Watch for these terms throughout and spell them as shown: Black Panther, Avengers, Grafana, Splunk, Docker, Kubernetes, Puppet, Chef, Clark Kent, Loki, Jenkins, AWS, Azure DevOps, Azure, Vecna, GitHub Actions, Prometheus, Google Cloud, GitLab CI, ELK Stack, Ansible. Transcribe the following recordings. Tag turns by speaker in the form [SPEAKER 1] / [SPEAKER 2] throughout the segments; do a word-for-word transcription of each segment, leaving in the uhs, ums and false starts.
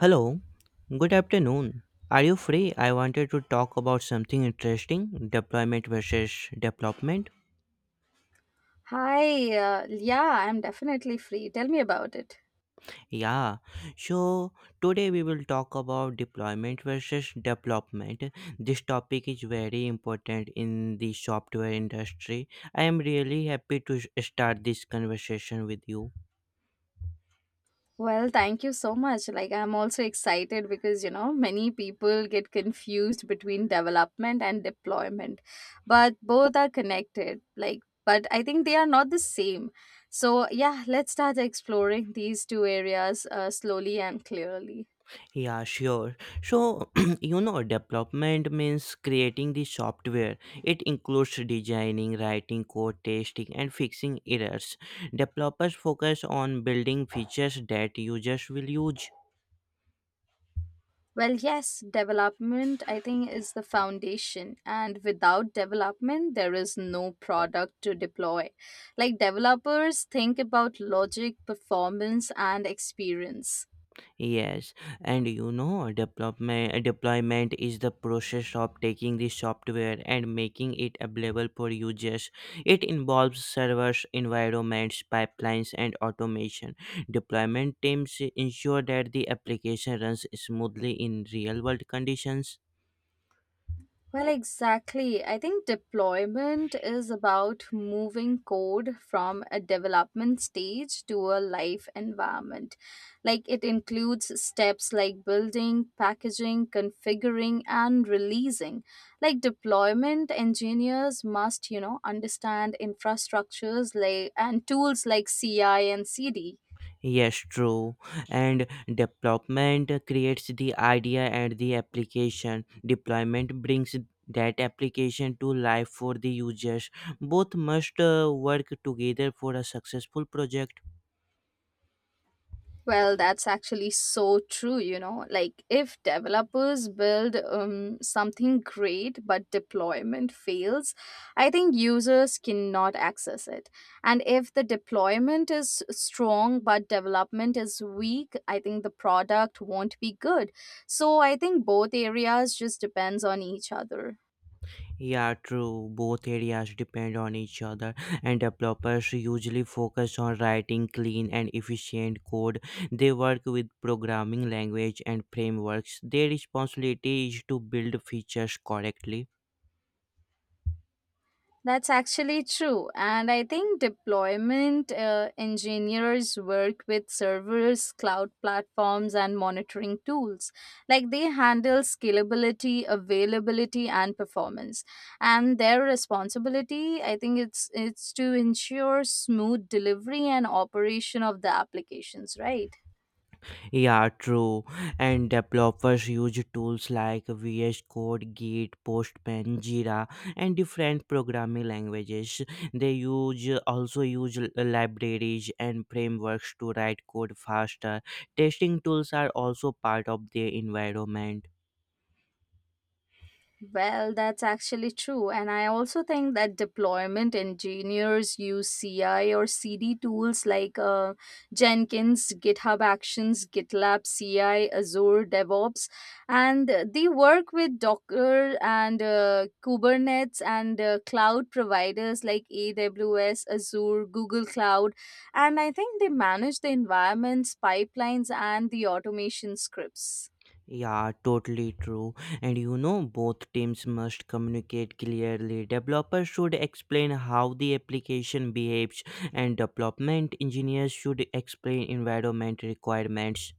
[SPEAKER 1] Hello, good afternoon. Are you free? I wanted to talk about something interesting, deployment versus development.
[SPEAKER 2] Hi, uh, yeah, I'm definitely free. Tell me about it.
[SPEAKER 1] Yeah, so today we will talk about deployment versus development. This topic is very important in the software industry. I am really happy to s- start this conversation with you.
[SPEAKER 2] Well, thank you so much. Like, I'm also excited because, you know, many people get confused between development and deployment, but both are connected. Like, but I think they are not the same. So, yeah, let's start exploring these two areas uh, slowly and clearly.
[SPEAKER 1] Yeah, sure. So, you know, development means creating the software. It includes designing, writing code, testing, and fixing errors. Developers focus on building features that users will use.
[SPEAKER 2] Well, yes, development, I think, is the foundation. And without development, there is no product to deploy. Like, developers think about logic, performance, and experience.
[SPEAKER 1] Yes, and you know, development deployment is the process of taking the software and making it available for users. It involves servers, environments, pipelines, and automation. Deployment teams ensure that the application runs smoothly in real-world conditions.
[SPEAKER 2] Well, exactly. I think deployment is about moving code from a development stage to a live environment. Like it includes steps like building, packaging, configuring, and releasing. Like deployment engineers must, you know, understand infrastructures like and tools like C I and C D.
[SPEAKER 1] Yes, true. And development creates the idea and the application. Deployment brings that application to life for the users. Both must uh, work together for a successful project.
[SPEAKER 2] Well, that's actually so true, you know. Like, if developers build um, something great but deployment fails, I think users cannot access it. And if the deployment is strong but development is weak, I think the product won't be good. So I think both areas just depends on each other.
[SPEAKER 1] Yeah, true. Both areas depend on each other, and developers usually focus on writing clean and efficient code. They work with programming language and frameworks. Their responsibility is to build features correctly.
[SPEAKER 2] That's actually true. And I think deployment uh, engineers work with servers, cloud platforms, and monitoring tools. Like they handle scalability, availability, and performance. And their responsibility, I think it's it's to ensure smooth delivery and operation of the applications, right?
[SPEAKER 1] Yeah, true. And developers use tools like V S Code, Git, Postman, Jira, and different programming languages. They use also use l- libraries and frameworks to write code faster. Testing tools are also part of their environment.
[SPEAKER 2] Well, that's actually true. And I also think that deployment engineers use C I or C D tools like uh, Jenkins, GitHub Actions, GitLab C I, Azure DevOps. And uh, they work with Docker and uh, Kubernetes and uh, cloud providers like A W S, Azure, Google Cloud. And I think they manage the environments, pipelines, and the automation scripts.
[SPEAKER 1] Yeah, totally true. And you know, both teams must communicate clearly. Developers should explain how the application behaves, and development engineers should explain environment requirements.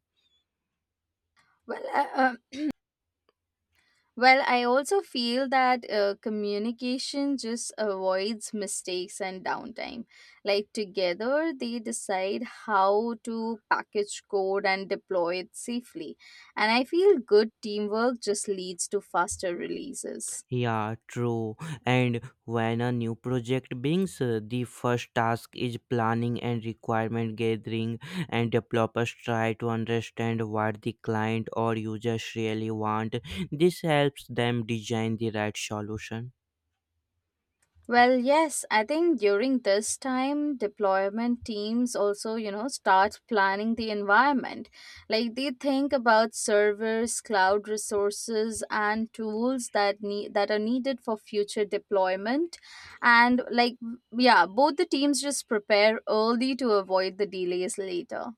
[SPEAKER 2] Well, uh, uh, Well, I also feel that uh, communication just avoids mistakes and downtime. Like, together, they decide how to package code and deploy it safely. And I feel good teamwork just leads to faster releases.
[SPEAKER 1] Yeah, true. And when a new project begins, uh, the first task is planning and requirement gathering, and developers try to understand what the client or users really want. This helps them design the right solution.
[SPEAKER 2] Well, yes, I think during this time, deployment teams also, you know, start planning the environment. Like they think about servers, cloud resources, and tools that need that are needed for future deployment. And like, yeah, both the teams just prepare early to avoid the delays later.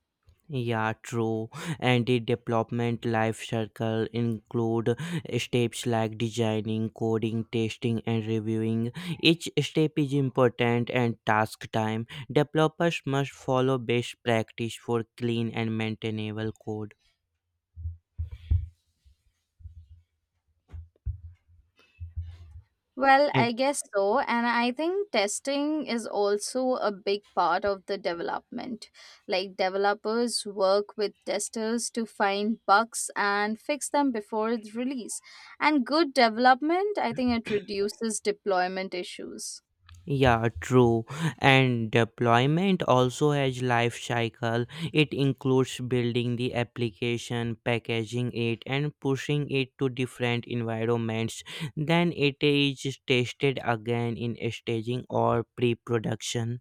[SPEAKER 1] Yeah, true. And the development life cycle include steps like designing, coding, testing, and reviewing. Each step is important and task time. Developers must follow best practice for clean and maintainable code.
[SPEAKER 2] Well, I guess so. And I think testing is also a big part of the development. Like, developers work with testers to find bugs and fix them before the release. And good development, I think it reduces deployment issues.
[SPEAKER 1] Yeah, true. And deployment also has life cycle. It includes building the application, packaging it, and pushing it to different environments. Then it is tested again in staging or pre-production.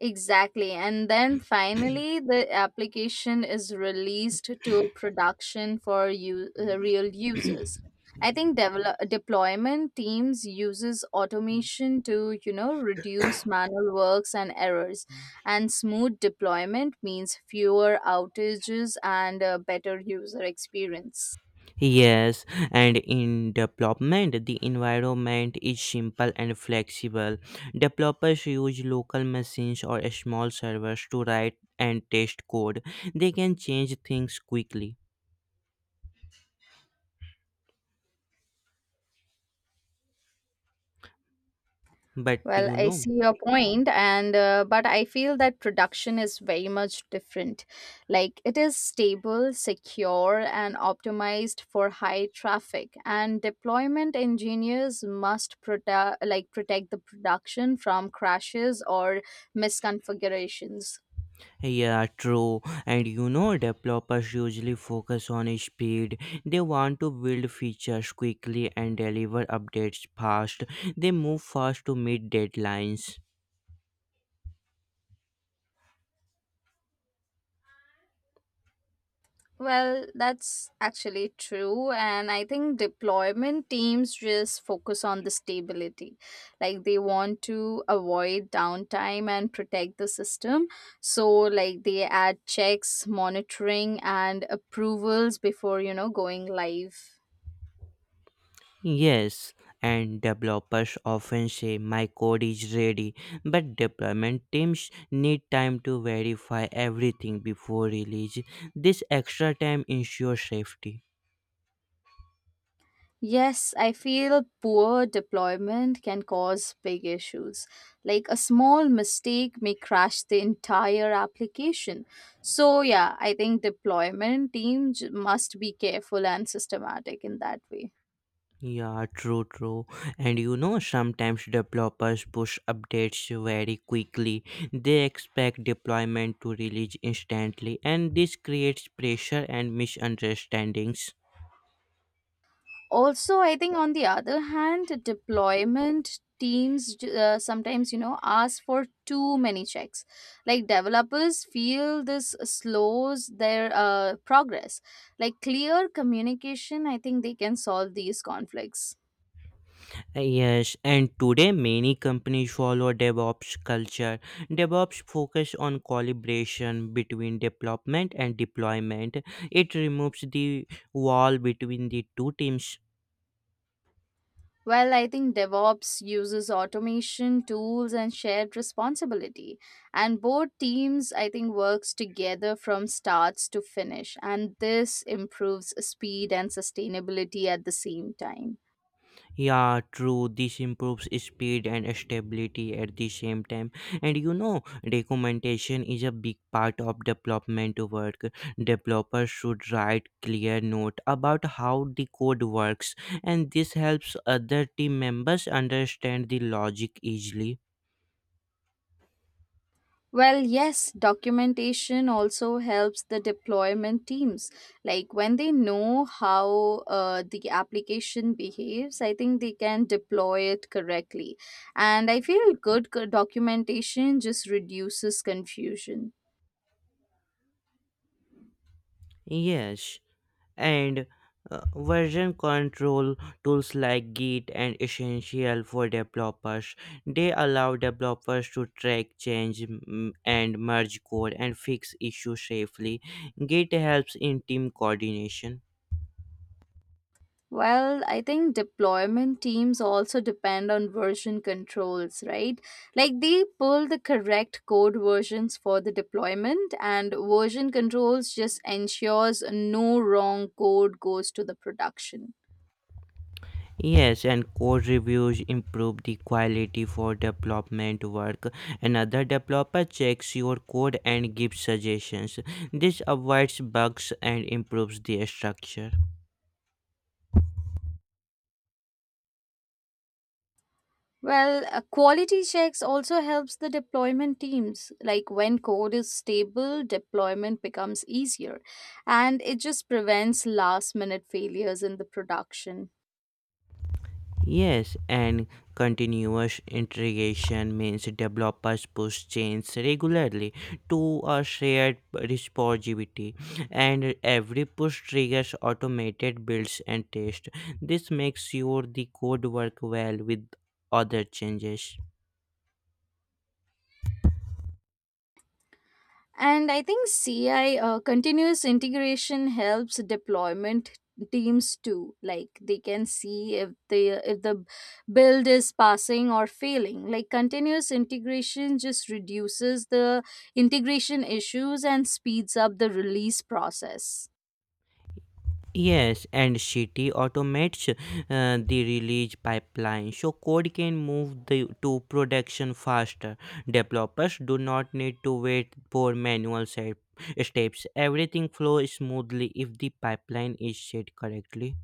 [SPEAKER 2] Exactly. And then finally, the application is released to production for u- uh, real users. I think develop- deployment teams uses automation to, you know, reduce manual works and errors. And smooth deployment means fewer outages and a better user experience.
[SPEAKER 1] Yes, and in development, the environment is simple and flexible. Developers use local machines or small servers to write and test code. They can change things quickly. But
[SPEAKER 2] Well,
[SPEAKER 1] you
[SPEAKER 2] I
[SPEAKER 1] know,
[SPEAKER 2] see your point, and uh, but I feel that production is very much different. Like it is stable, secure, and optimized for high traffic. And deployment engineers must protect, like protect the production from crashes or misconfigurations.
[SPEAKER 1] yeah, true. And you know, developers usually focus on speed. They want to build features quickly and deliver updates fast. They move fast to meet deadlines.
[SPEAKER 2] Well, that's actually true. And I think deployment teams just focus on the stability. Like they want to avoid downtime and protect the system. So, like they add checks, monitoring, and approvals before, you know, going live.
[SPEAKER 1] Yes, and developers often say my code is ready, but deployment teams need time to verify everything before release. This extra time ensures safety.
[SPEAKER 2] Yes, I feel poor deployment can cause big issues. Like a small mistake may crash the entire application. So, yeah, I think deployment teams must be careful and systematic in that way.
[SPEAKER 1] Yeah, true, true. And you know, sometimes developers push updates very quickly. They expect deployment to release instantly, and this creates pressure and misunderstandings.
[SPEAKER 2] Also, I think on the other hand deployment teams uh, sometimes, you know, ask for too many checks. Like developers feel this slows their uh, progress. Like clear communication, I think they can solve these conflicts.
[SPEAKER 1] Yes, and today many companies follow DevOps culture. DevOps focus on collaboration between development and deployment. It removes the wall between the two teams.
[SPEAKER 2] Well, I think DevOps uses automation, tools, and shared responsibility. And both teams, I think, works together from starts to finish. And this improves speed and sustainability at the same time.
[SPEAKER 1] Yeah, true. This improves speed and stability at the same time. And you know, documentation is a big part of development work. Developers should write clear note about how the code works, and this helps other team members understand the logic easily.
[SPEAKER 2] Well, yes, documentation also helps the deployment teams. Like when they know how uh, the application behaves, I think they can deploy it correctly. And I feel good co- documentation just reduces confusion.
[SPEAKER 1] Yes, and uh, version control tools like Git and essential for developers. They allow developers to track change, mm, and merge code and fix issues safely. Git helps in team coordination.
[SPEAKER 2] Well, I think deployment teams also depend on version controls, right? Like they pull the correct code versions for the deployment and version controls just ensures no wrong code goes to the production.
[SPEAKER 1] Yes, and code reviews improve the quality for development work. Another developer checks your code and gives suggestions. This avoids bugs and improves the structure.
[SPEAKER 2] Well, uh, quality checks also helps the deployment teams. Like when code is stable, deployment becomes easier and it just prevents last minute failures in the production.
[SPEAKER 1] Yes, and continuous integration means developers push change regularly to a shared repository, and every push triggers automated builds and tests. This makes sure the code work well with other changes.
[SPEAKER 2] And I think C I uh, continuous integration helps deployment teams too. Like they can see if the if the build is passing or failing. Like continuous integration just reduces the integration issues and speeds up the release process.
[SPEAKER 1] Yes, and City automates uh, the release pipeline so code can move the, to production faster. Developers do not need to wait for manual se- steps. Everything flows smoothly if the pipeline is set correctly.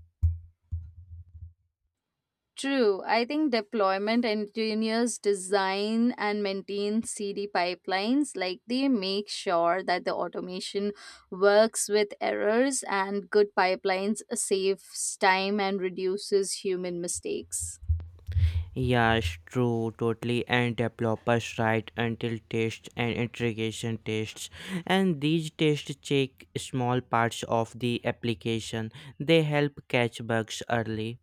[SPEAKER 2] True. I think deployment engineers design and maintain C D pipelines. Like they make sure that the automation works with errors and good pipelines saves time and reduces human mistakes.
[SPEAKER 1] Yes, true, totally. And developers write until tests and integration tests, and these tests check small parts of the application. They help catch bugs early.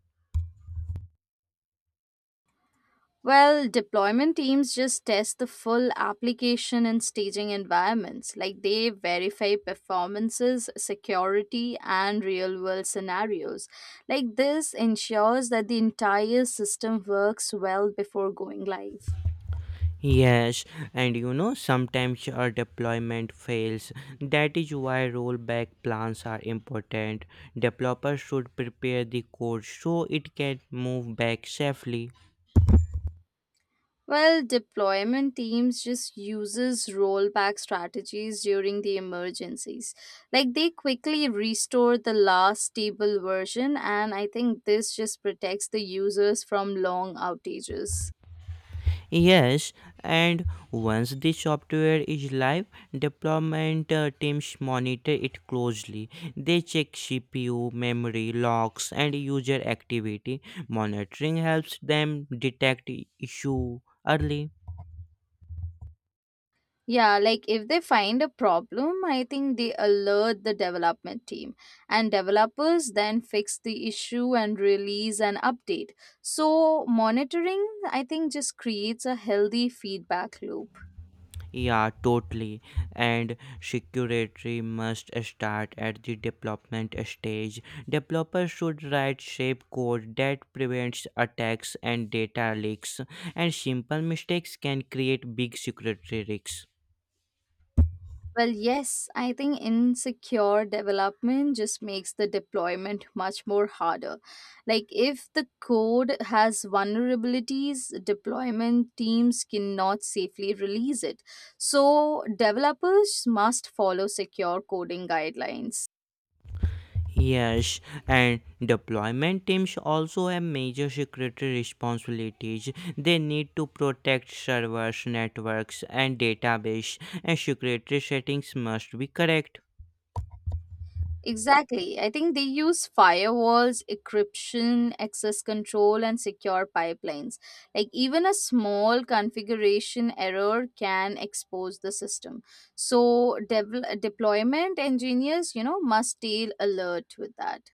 [SPEAKER 2] Well, deployment teams just test the full application and staging environments. Like they verify performances, security, and real world scenarios. Like this ensures that the entire system works well before going live.
[SPEAKER 1] Yes, and you know, sometimes our deployment fails. That is why rollback plans are important. Developers should prepare the code so it can move back safely.
[SPEAKER 2] Well, deployment teams just uses rollback strategies during the emergencies. Like they quickly restore the last stable version and I think this just protects the users from long outages.
[SPEAKER 1] Yes, and once the software is live, deployment uh, teams monitor it closely. They check C P U, memory, logs, and user activity. Monitoring helps them detect issue early.
[SPEAKER 2] Yeah, like if they find a problem, I think they alert the development team and developers then fix the issue and release an update. So monitoring I think just creates a healthy feedback loop.
[SPEAKER 1] Yeah, totally. And security must start at the development stage. Developers should write shape code that prevents attacks and data leaks, and simple mistakes can create big security risks.
[SPEAKER 2] Well, yes, I think insecure development just makes the deployment much more harder. Like, if the code has vulnerabilities, deployment teams cannot safely release it. So, developers must follow secure coding guidelines.
[SPEAKER 1] Yes, and deployment teams also have major security responsibilities. They need to protect servers, networks, and database, and security settings must be correct.
[SPEAKER 2] Exactly. I think they use firewalls, encryption, access control, and secure pipelines. Like, even a small configuration error can expose the system. So, devel- deployment engineers, you know, must stay alert with that.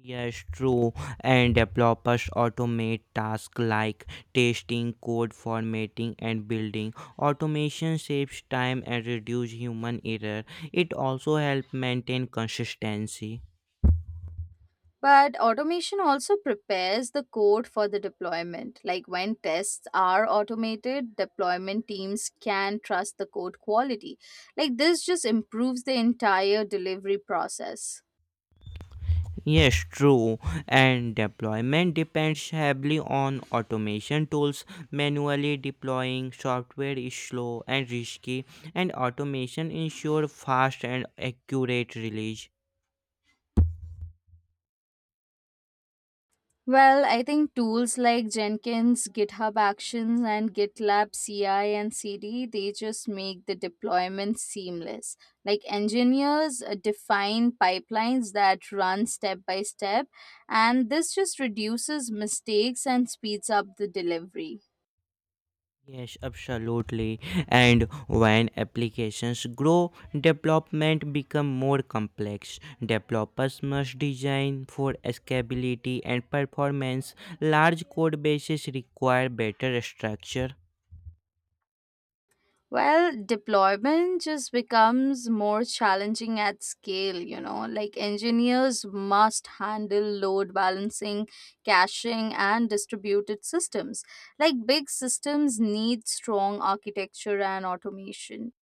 [SPEAKER 1] Yes, true. And developers automate tasks like testing, code formatting, and building. Automation saves time and reduces human error. It also helps maintain consistency.
[SPEAKER 2] But automation also prepares the code for the deployment. Like, when tests are automated, deployment teams can trust the code quality. Like, this just improves the entire delivery process.
[SPEAKER 1] Yes, true. And deployment depends heavily on automation tools. Manually deploying software is slow and risky, and automation ensures fast and accurate release.
[SPEAKER 2] Well, I think tools like Jenkins, GitHub Actions, and GitLab C I and C D, they just make the deployment seamless. Like engineers uh, define pipelines that run step by step, and this just reduces mistakes and speeds up the delivery.
[SPEAKER 1] Yes, absolutely. And when applications grow, development become more complex. Developers must design for scalability and performance. Large code bases require better structure.
[SPEAKER 2] Well, deployment just becomes more challenging at scale, you know. Like engineers must handle load balancing, caching, and distributed systems. Like big systems need strong architecture and automation.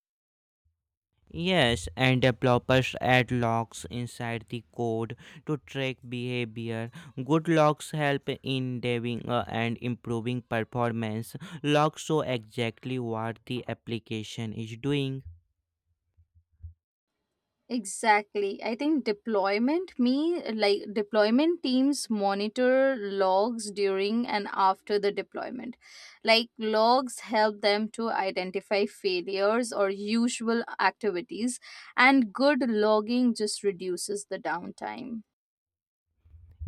[SPEAKER 1] Yes, and developers add logs inside the code to track behavior. Good logs help in diving uh, and improving performance. Logs show exactly what the application is doing.
[SPEAKER 2] Exactly. I think deployment me like deployment teams monitor logs during and after the deployment. Like logs help them to identify failures or usual activities and good logging just reduces the downtime.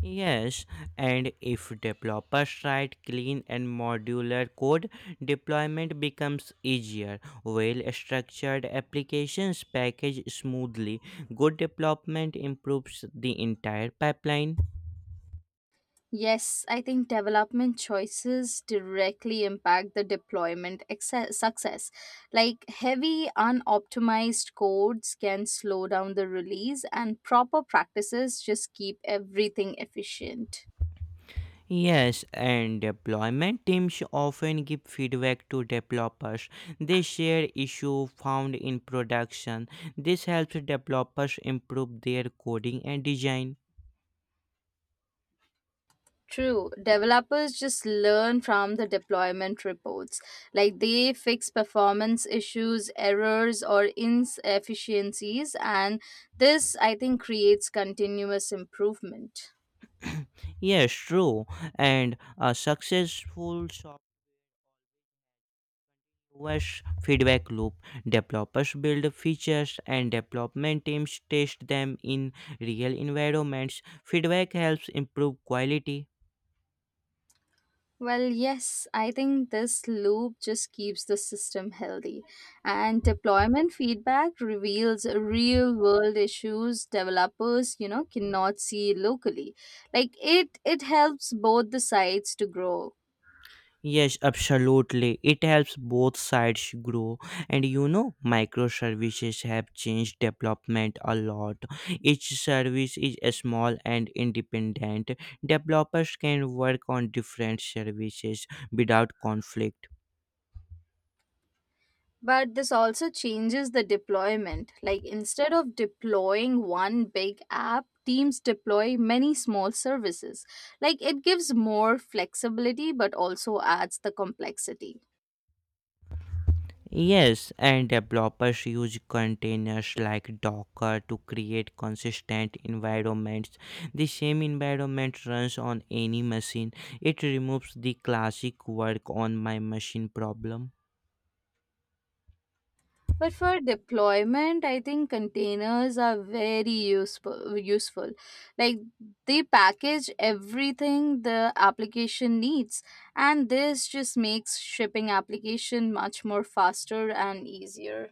[SPEAKER 1] Yes, and if developers write clean and modular code, deployment becomes easier. Well structured applications package smoothly. Good development improves the entire pipeline.
[SPEAKER 2] Yes, I think development choices directly impact the deployment excess, success. Like heavy, unoptimized codes can slow down the release, and proper practices just keep everything efficient.
[SPEAKER 1] Yes, and deployment teams often give feedback to developers. They share issue found in production. This helps developers improve their coding and design.
[SPEAKER 2] True, developers just learn from the deployment reports. Like they fix performance issues, errors, or inefficiencies, and this I think creates continuous improvement.
[SPEAKER 1] Yes, true. And a successful software's feedback loop. Developers build features and development teams test them in real environments. Feedback helps improve quality.
[SPEAKER 2] Well, yes, I think this loop just keeps the system healthy. And deployment feedback reveals real world issues developers, you know, cannot see locally. Like it it helps both the sides to grow.
[SPEAKER 1] Yes, absolutely. It helps both sides grow. And you know, microservices have changed development a lot. Each service is small and independent. Developers can work on different services without conflict.
[SPEAKER 2] But this also changes the deployment. Like instead of deploying one big app, teams deploy many small services. Like it gives more flexibility but also adds the complexity.
[SPEAKER 1] Yes, and developers use containers like Docker to create consistent environments. The same environment runs on any machine. It removes the classic work on my machine problem.
[SPEAKER 2] But for deployment, I think containers are very useful. Useful, like they package everything the application needs, and this just makes shipping application much more faster and easier.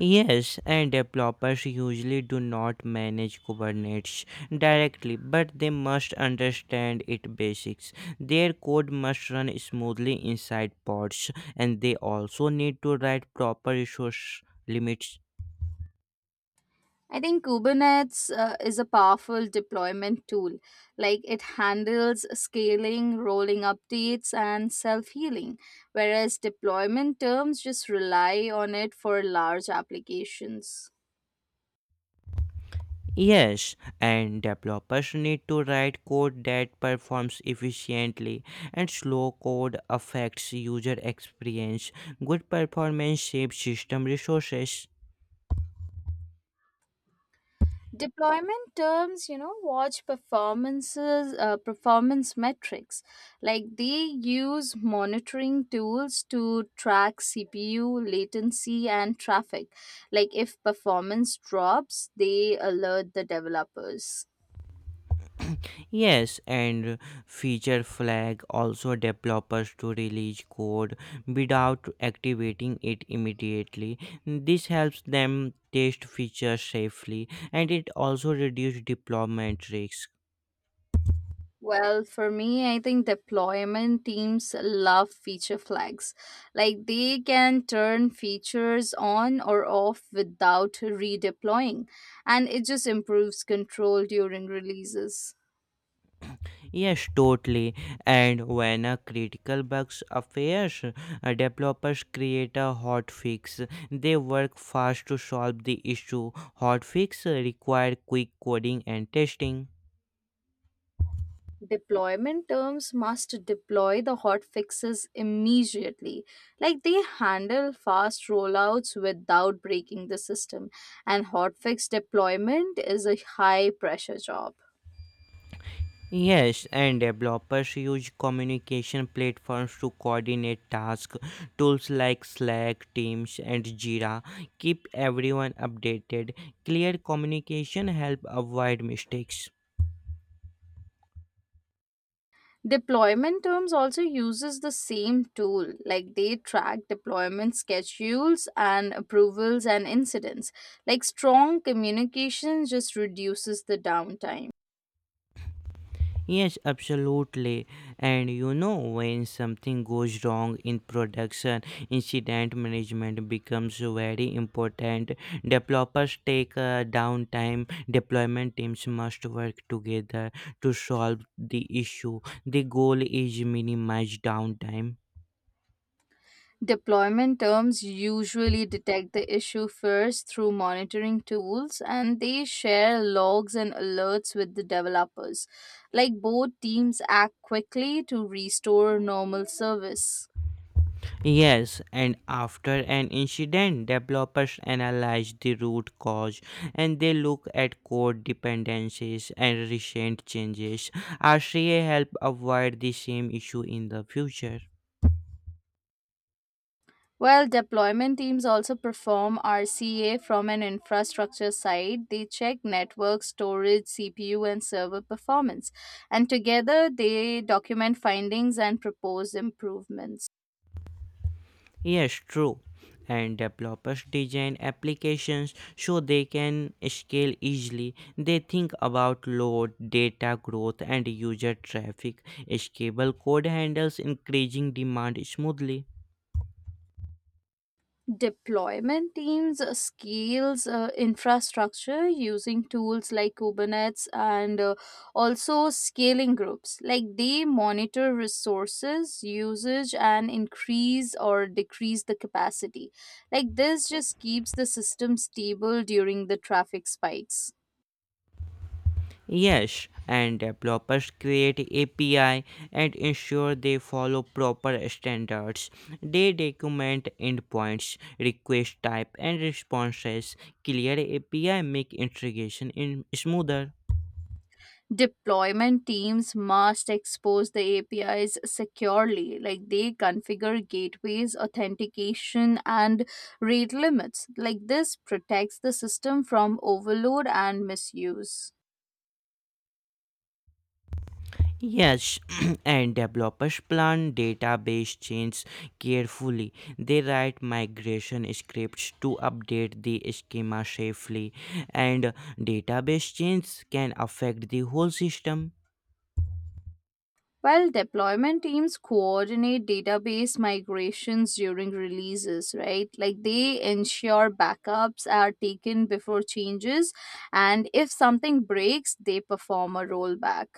[SPEAKER 1] Yes, and developers usually do not manage Kubernetes directly, but they must understand its basics. Their code must run smoothly inside pods, and they also need to write proper resource limits.
[SPEAKER 2] I think Kubernetes uh, is a powerful deployment tool. Like it handles scaling, rolling updates, and self healing, whereas deployment terms just rely on it for large applications.
[SPEAKER 1] Yes, and developers need to write code that performs efficiently, and slow code affects user experience. Good performance saves system resources.
[SPEAKER 2] Deployment terms, you know, watch performances uh, performance metrics. Like they use monitoring tools to track CPU, latency, and traffic. Like if performance drops, they alert the developers.
[SPEAKER 1] Yes, and feature flag also developers to release code without activating it immediately. This helps them test features safely, and it also reduces deployment risks.
[SPEAKER 2] Well, for me, I think deployment teams love feature flags. Like they can turn features on or off without redeploying, and it just improves control during releases.
[SPEAKER 1] Yes, totally. And when a critical bug appears, uh, developers create a hotfix. They work fast to solve the issue. Hotfix uh, require quick coding and testing.
[SPEAKER 2] Deployment terms must deploy the hot fixes immediately. Like they handle fast rollouts without breaking the system, and hotfix deployment is a high pressure job.
[SPEAKER 1] Yes, and developers use communication platforms to coordinate tasks. Tools like Slack, Teams, and Jira keep everyone updated. Clear communication help avoid mistakes.
[SPEAKER 2] Deployment terms also uses the same tool, like they track deployment schedules and approvals and incidents. Like strong communication just reduces the downtime.
[SPEAKER 1] Yes, absolutely. And you know, when something goes wrong in production, incident management becomes very important. Developers take uh, downtime, deployment teams must work together to solve the issue. The goal is minimize downtime.
[SPEAKER 2] Deployment terms usually detect the issue first through monitoring tools and they share logs and alerts with the developers. Like both teams act quickly to restore normal service.
[SPEAKER 1] Yes, and after an incident, developers analyze the root cause and they look at code dependencies and recent changes. R C A help avoid the same issue in the future.
[SPEAKER 2] Well, deployment teams also perform R C A from an infrastructure side. They check network, storage, C P U, and server performance. And together they document findings and propose improvements.
[SPEAKER 1] Yes, true. And developers design applications so they can scale easily. They think about load, data growth, and user traffic. Scalable code handles increasing demand smoothly.
[SPEAKER 2] Deployment teams uh, scales uh, infrastructure using tools like Kubernetes and uh, also scaling groups. Like they monitor resources usage and increase or decrease the capacity. Like this just keeps the system stable during the traffic spikes.
[SPEAKER 1] Yes, and developers create A P I and ensure they follow proper standards. They document endpoints, request type, and responses. Clear A P I make integration in smoother.
[SPEAKER 2] Deployment teams must expose the A P Is securely. Like they configure gateways, authentication, and rate limits. Like this protects the system from overload and misuse.
[SPEAKER 1] Yes, and developers plan database changes carefully. They write migration scripts to update the schema safely, and database changes can affect the whole system.
[SPEAKER 2] Well, deployment teams coordinate database migrations during releases, right? Like they ensure backups are taken before changes, and if something breaks, they perform a rollback.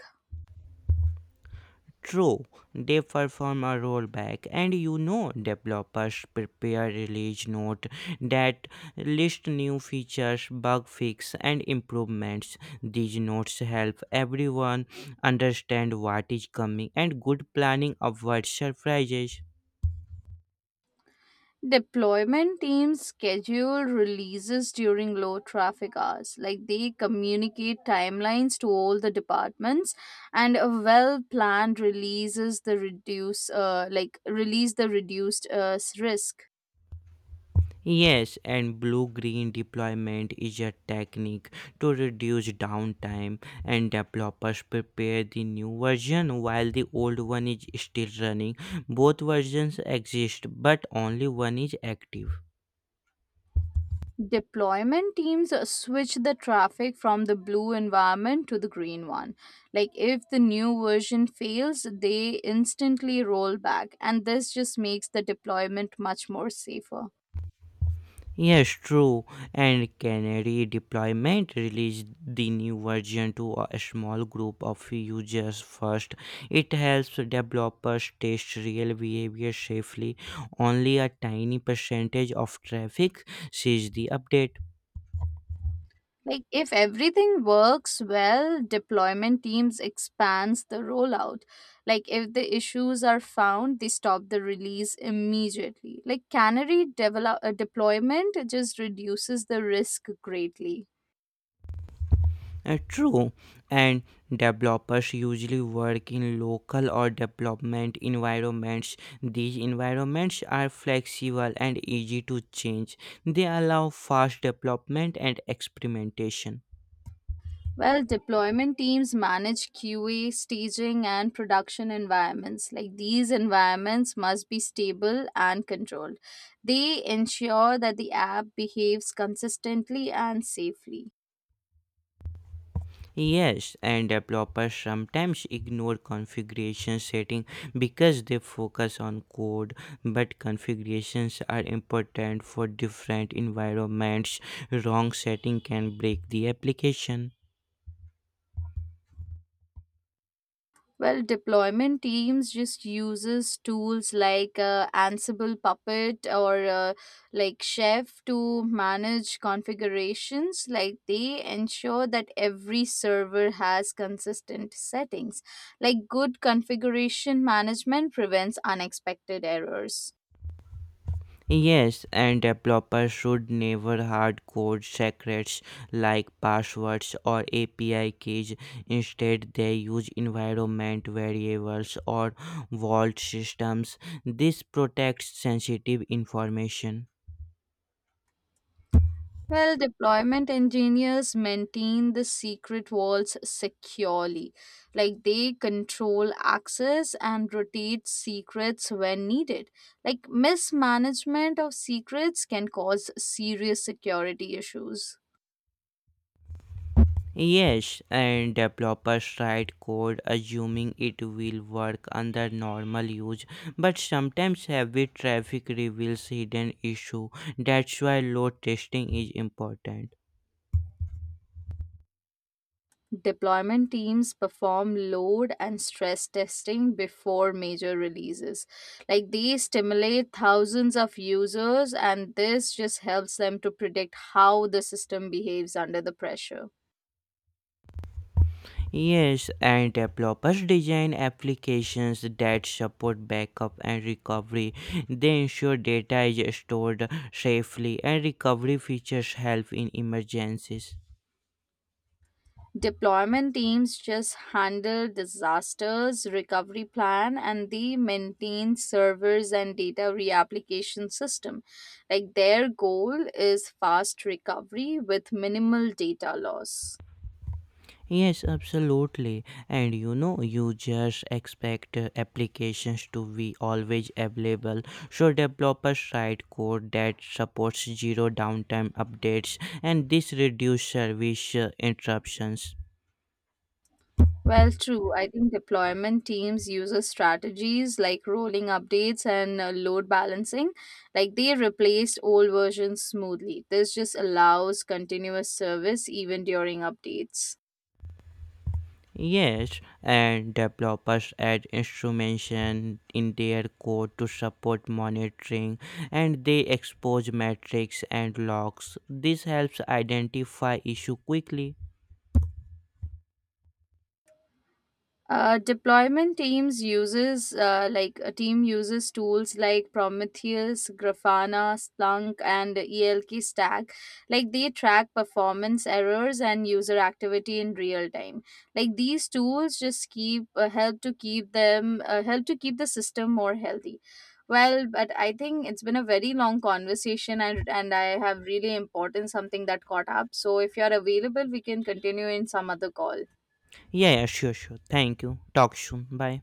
[SPEAKER 1] True, they perform a rollback, and you know developers prepare release note that list new features, bug fix, and improvements. These notes help everyone understand what is coming, and good planning avoids surprises.
[SPEAKER 2] Deployment teams schedule releases during low traffic hours. Like they communicate timelines to all the departments, and a well-planned releases the reduce, uh, like release the reduced uh, s- risk.
[SPEAKER 1] Yes, and blue green deployment is a technique to reduce downtime, and developers prepare the new version while the old one is still running. Both versions exist, but only one is active.
[SPEAKER 2] Deployment teams uh, switch the traffic from the blue environment to the green one. Like if the new version fails, they instantly roll back, and this just makes the deployment much more safer.
[SPEAKER 1] Yes, true. And Canary deployment released the new version to a small group of users first. It helps developers test real behavior safely. Only a tiny percentage of traffic sees the update.
[SPEAKER 2] Like if everything works well, deployment teams expands the rollout. Like if the issues are found, they stop the release immediately. Like canary develop uh, deployment just reduces the risk greatly.
[SPEAKER 1] Uh, True, and developers usually work in local or development environments. These environments are flexible and easy to change. They allow fast development and experimentation.
[SPEAKER 2] Well, deployment teams manage Q A, staging, and production environments. Like these environments must be stable and controlled. They ensure that the app behaves consistently and safely.
[SPEAKER 1] Yes, and developers sometimes ignore configuration setting because they focus on code, but configurations are important for different environments. Wrong setting can break the application.
[SPEAKER 2] Well, deployment teams just uses tools like uh, Ansible Puppet or uh, like Chef to manage configurations. Like they ensure that every server has consistent settings. Like good configuration management prevents unexpected errors.
[SPEAKER 1] Yes, and developers should never hard code secrets like passwords or A P I keys. Instead, they use environment variables or vault systems. This protects sensitive information.
[SPEAKER 2] Well, deployment engineers maintain the secret vaults securely. Like they control access and rotate secrets when needed. Like mismanagement of secrets can cause serious security issues.
[SPEAKER 1] Yes, and developers write code assuming it will work under normal use, but sometimes heavy traffic reveals hidden issue. That's why load testing is important.
[SPEAKER 2] Deployment teams perform load and stress testing before major releases. Like they stimulate thousands of users, and this just helps them to predict how the system behaves under the pressure.
[SPEAKER 1] Yes, and developers design applications that support backup and recovery. They ensure data is stored safely, and recovery features help in emergencies.
[SPEAKER 2] Deployment teams just handle disasters, recovery plan, and they maintain servers and data reapplication system. Like their goal is fast recovery with minimal data loss.
[SPEAKER 1] Yes, absolutely. And you know, users expect uh, applications to be always available. So, developers write code that supports zero downtime updates, and this reduces service uh, interruptions.
[SPEAKER 2] Well, true. I think deployment teams use a strategies like rolling updates and uh, load balancing. Like they replaced old versions smoothly. This just allows continuous service even during updates.
[SPEAKER 1] Yes, and developers add instrumentation in their code to support monitoring and they expose metrics and logs. This helps identify issue quickly.
[SPEAKER 2] Uh, deployment teams uses uh, like a team uses tools like Prometheus, Grafana, Splunk, and ELK Stack. Like they track performance errors and user activity in real time. Like these tools just keep uh, help to keep them uh, help to keep the system more healthy. Well, but I think it's been a very long conversation, and and I have really important something that caught up. So if you are available, we can continue in some other call.
[SPEAKER 1] Yeah, yeah, sure, sure. Thank you. Talk soon. Bye.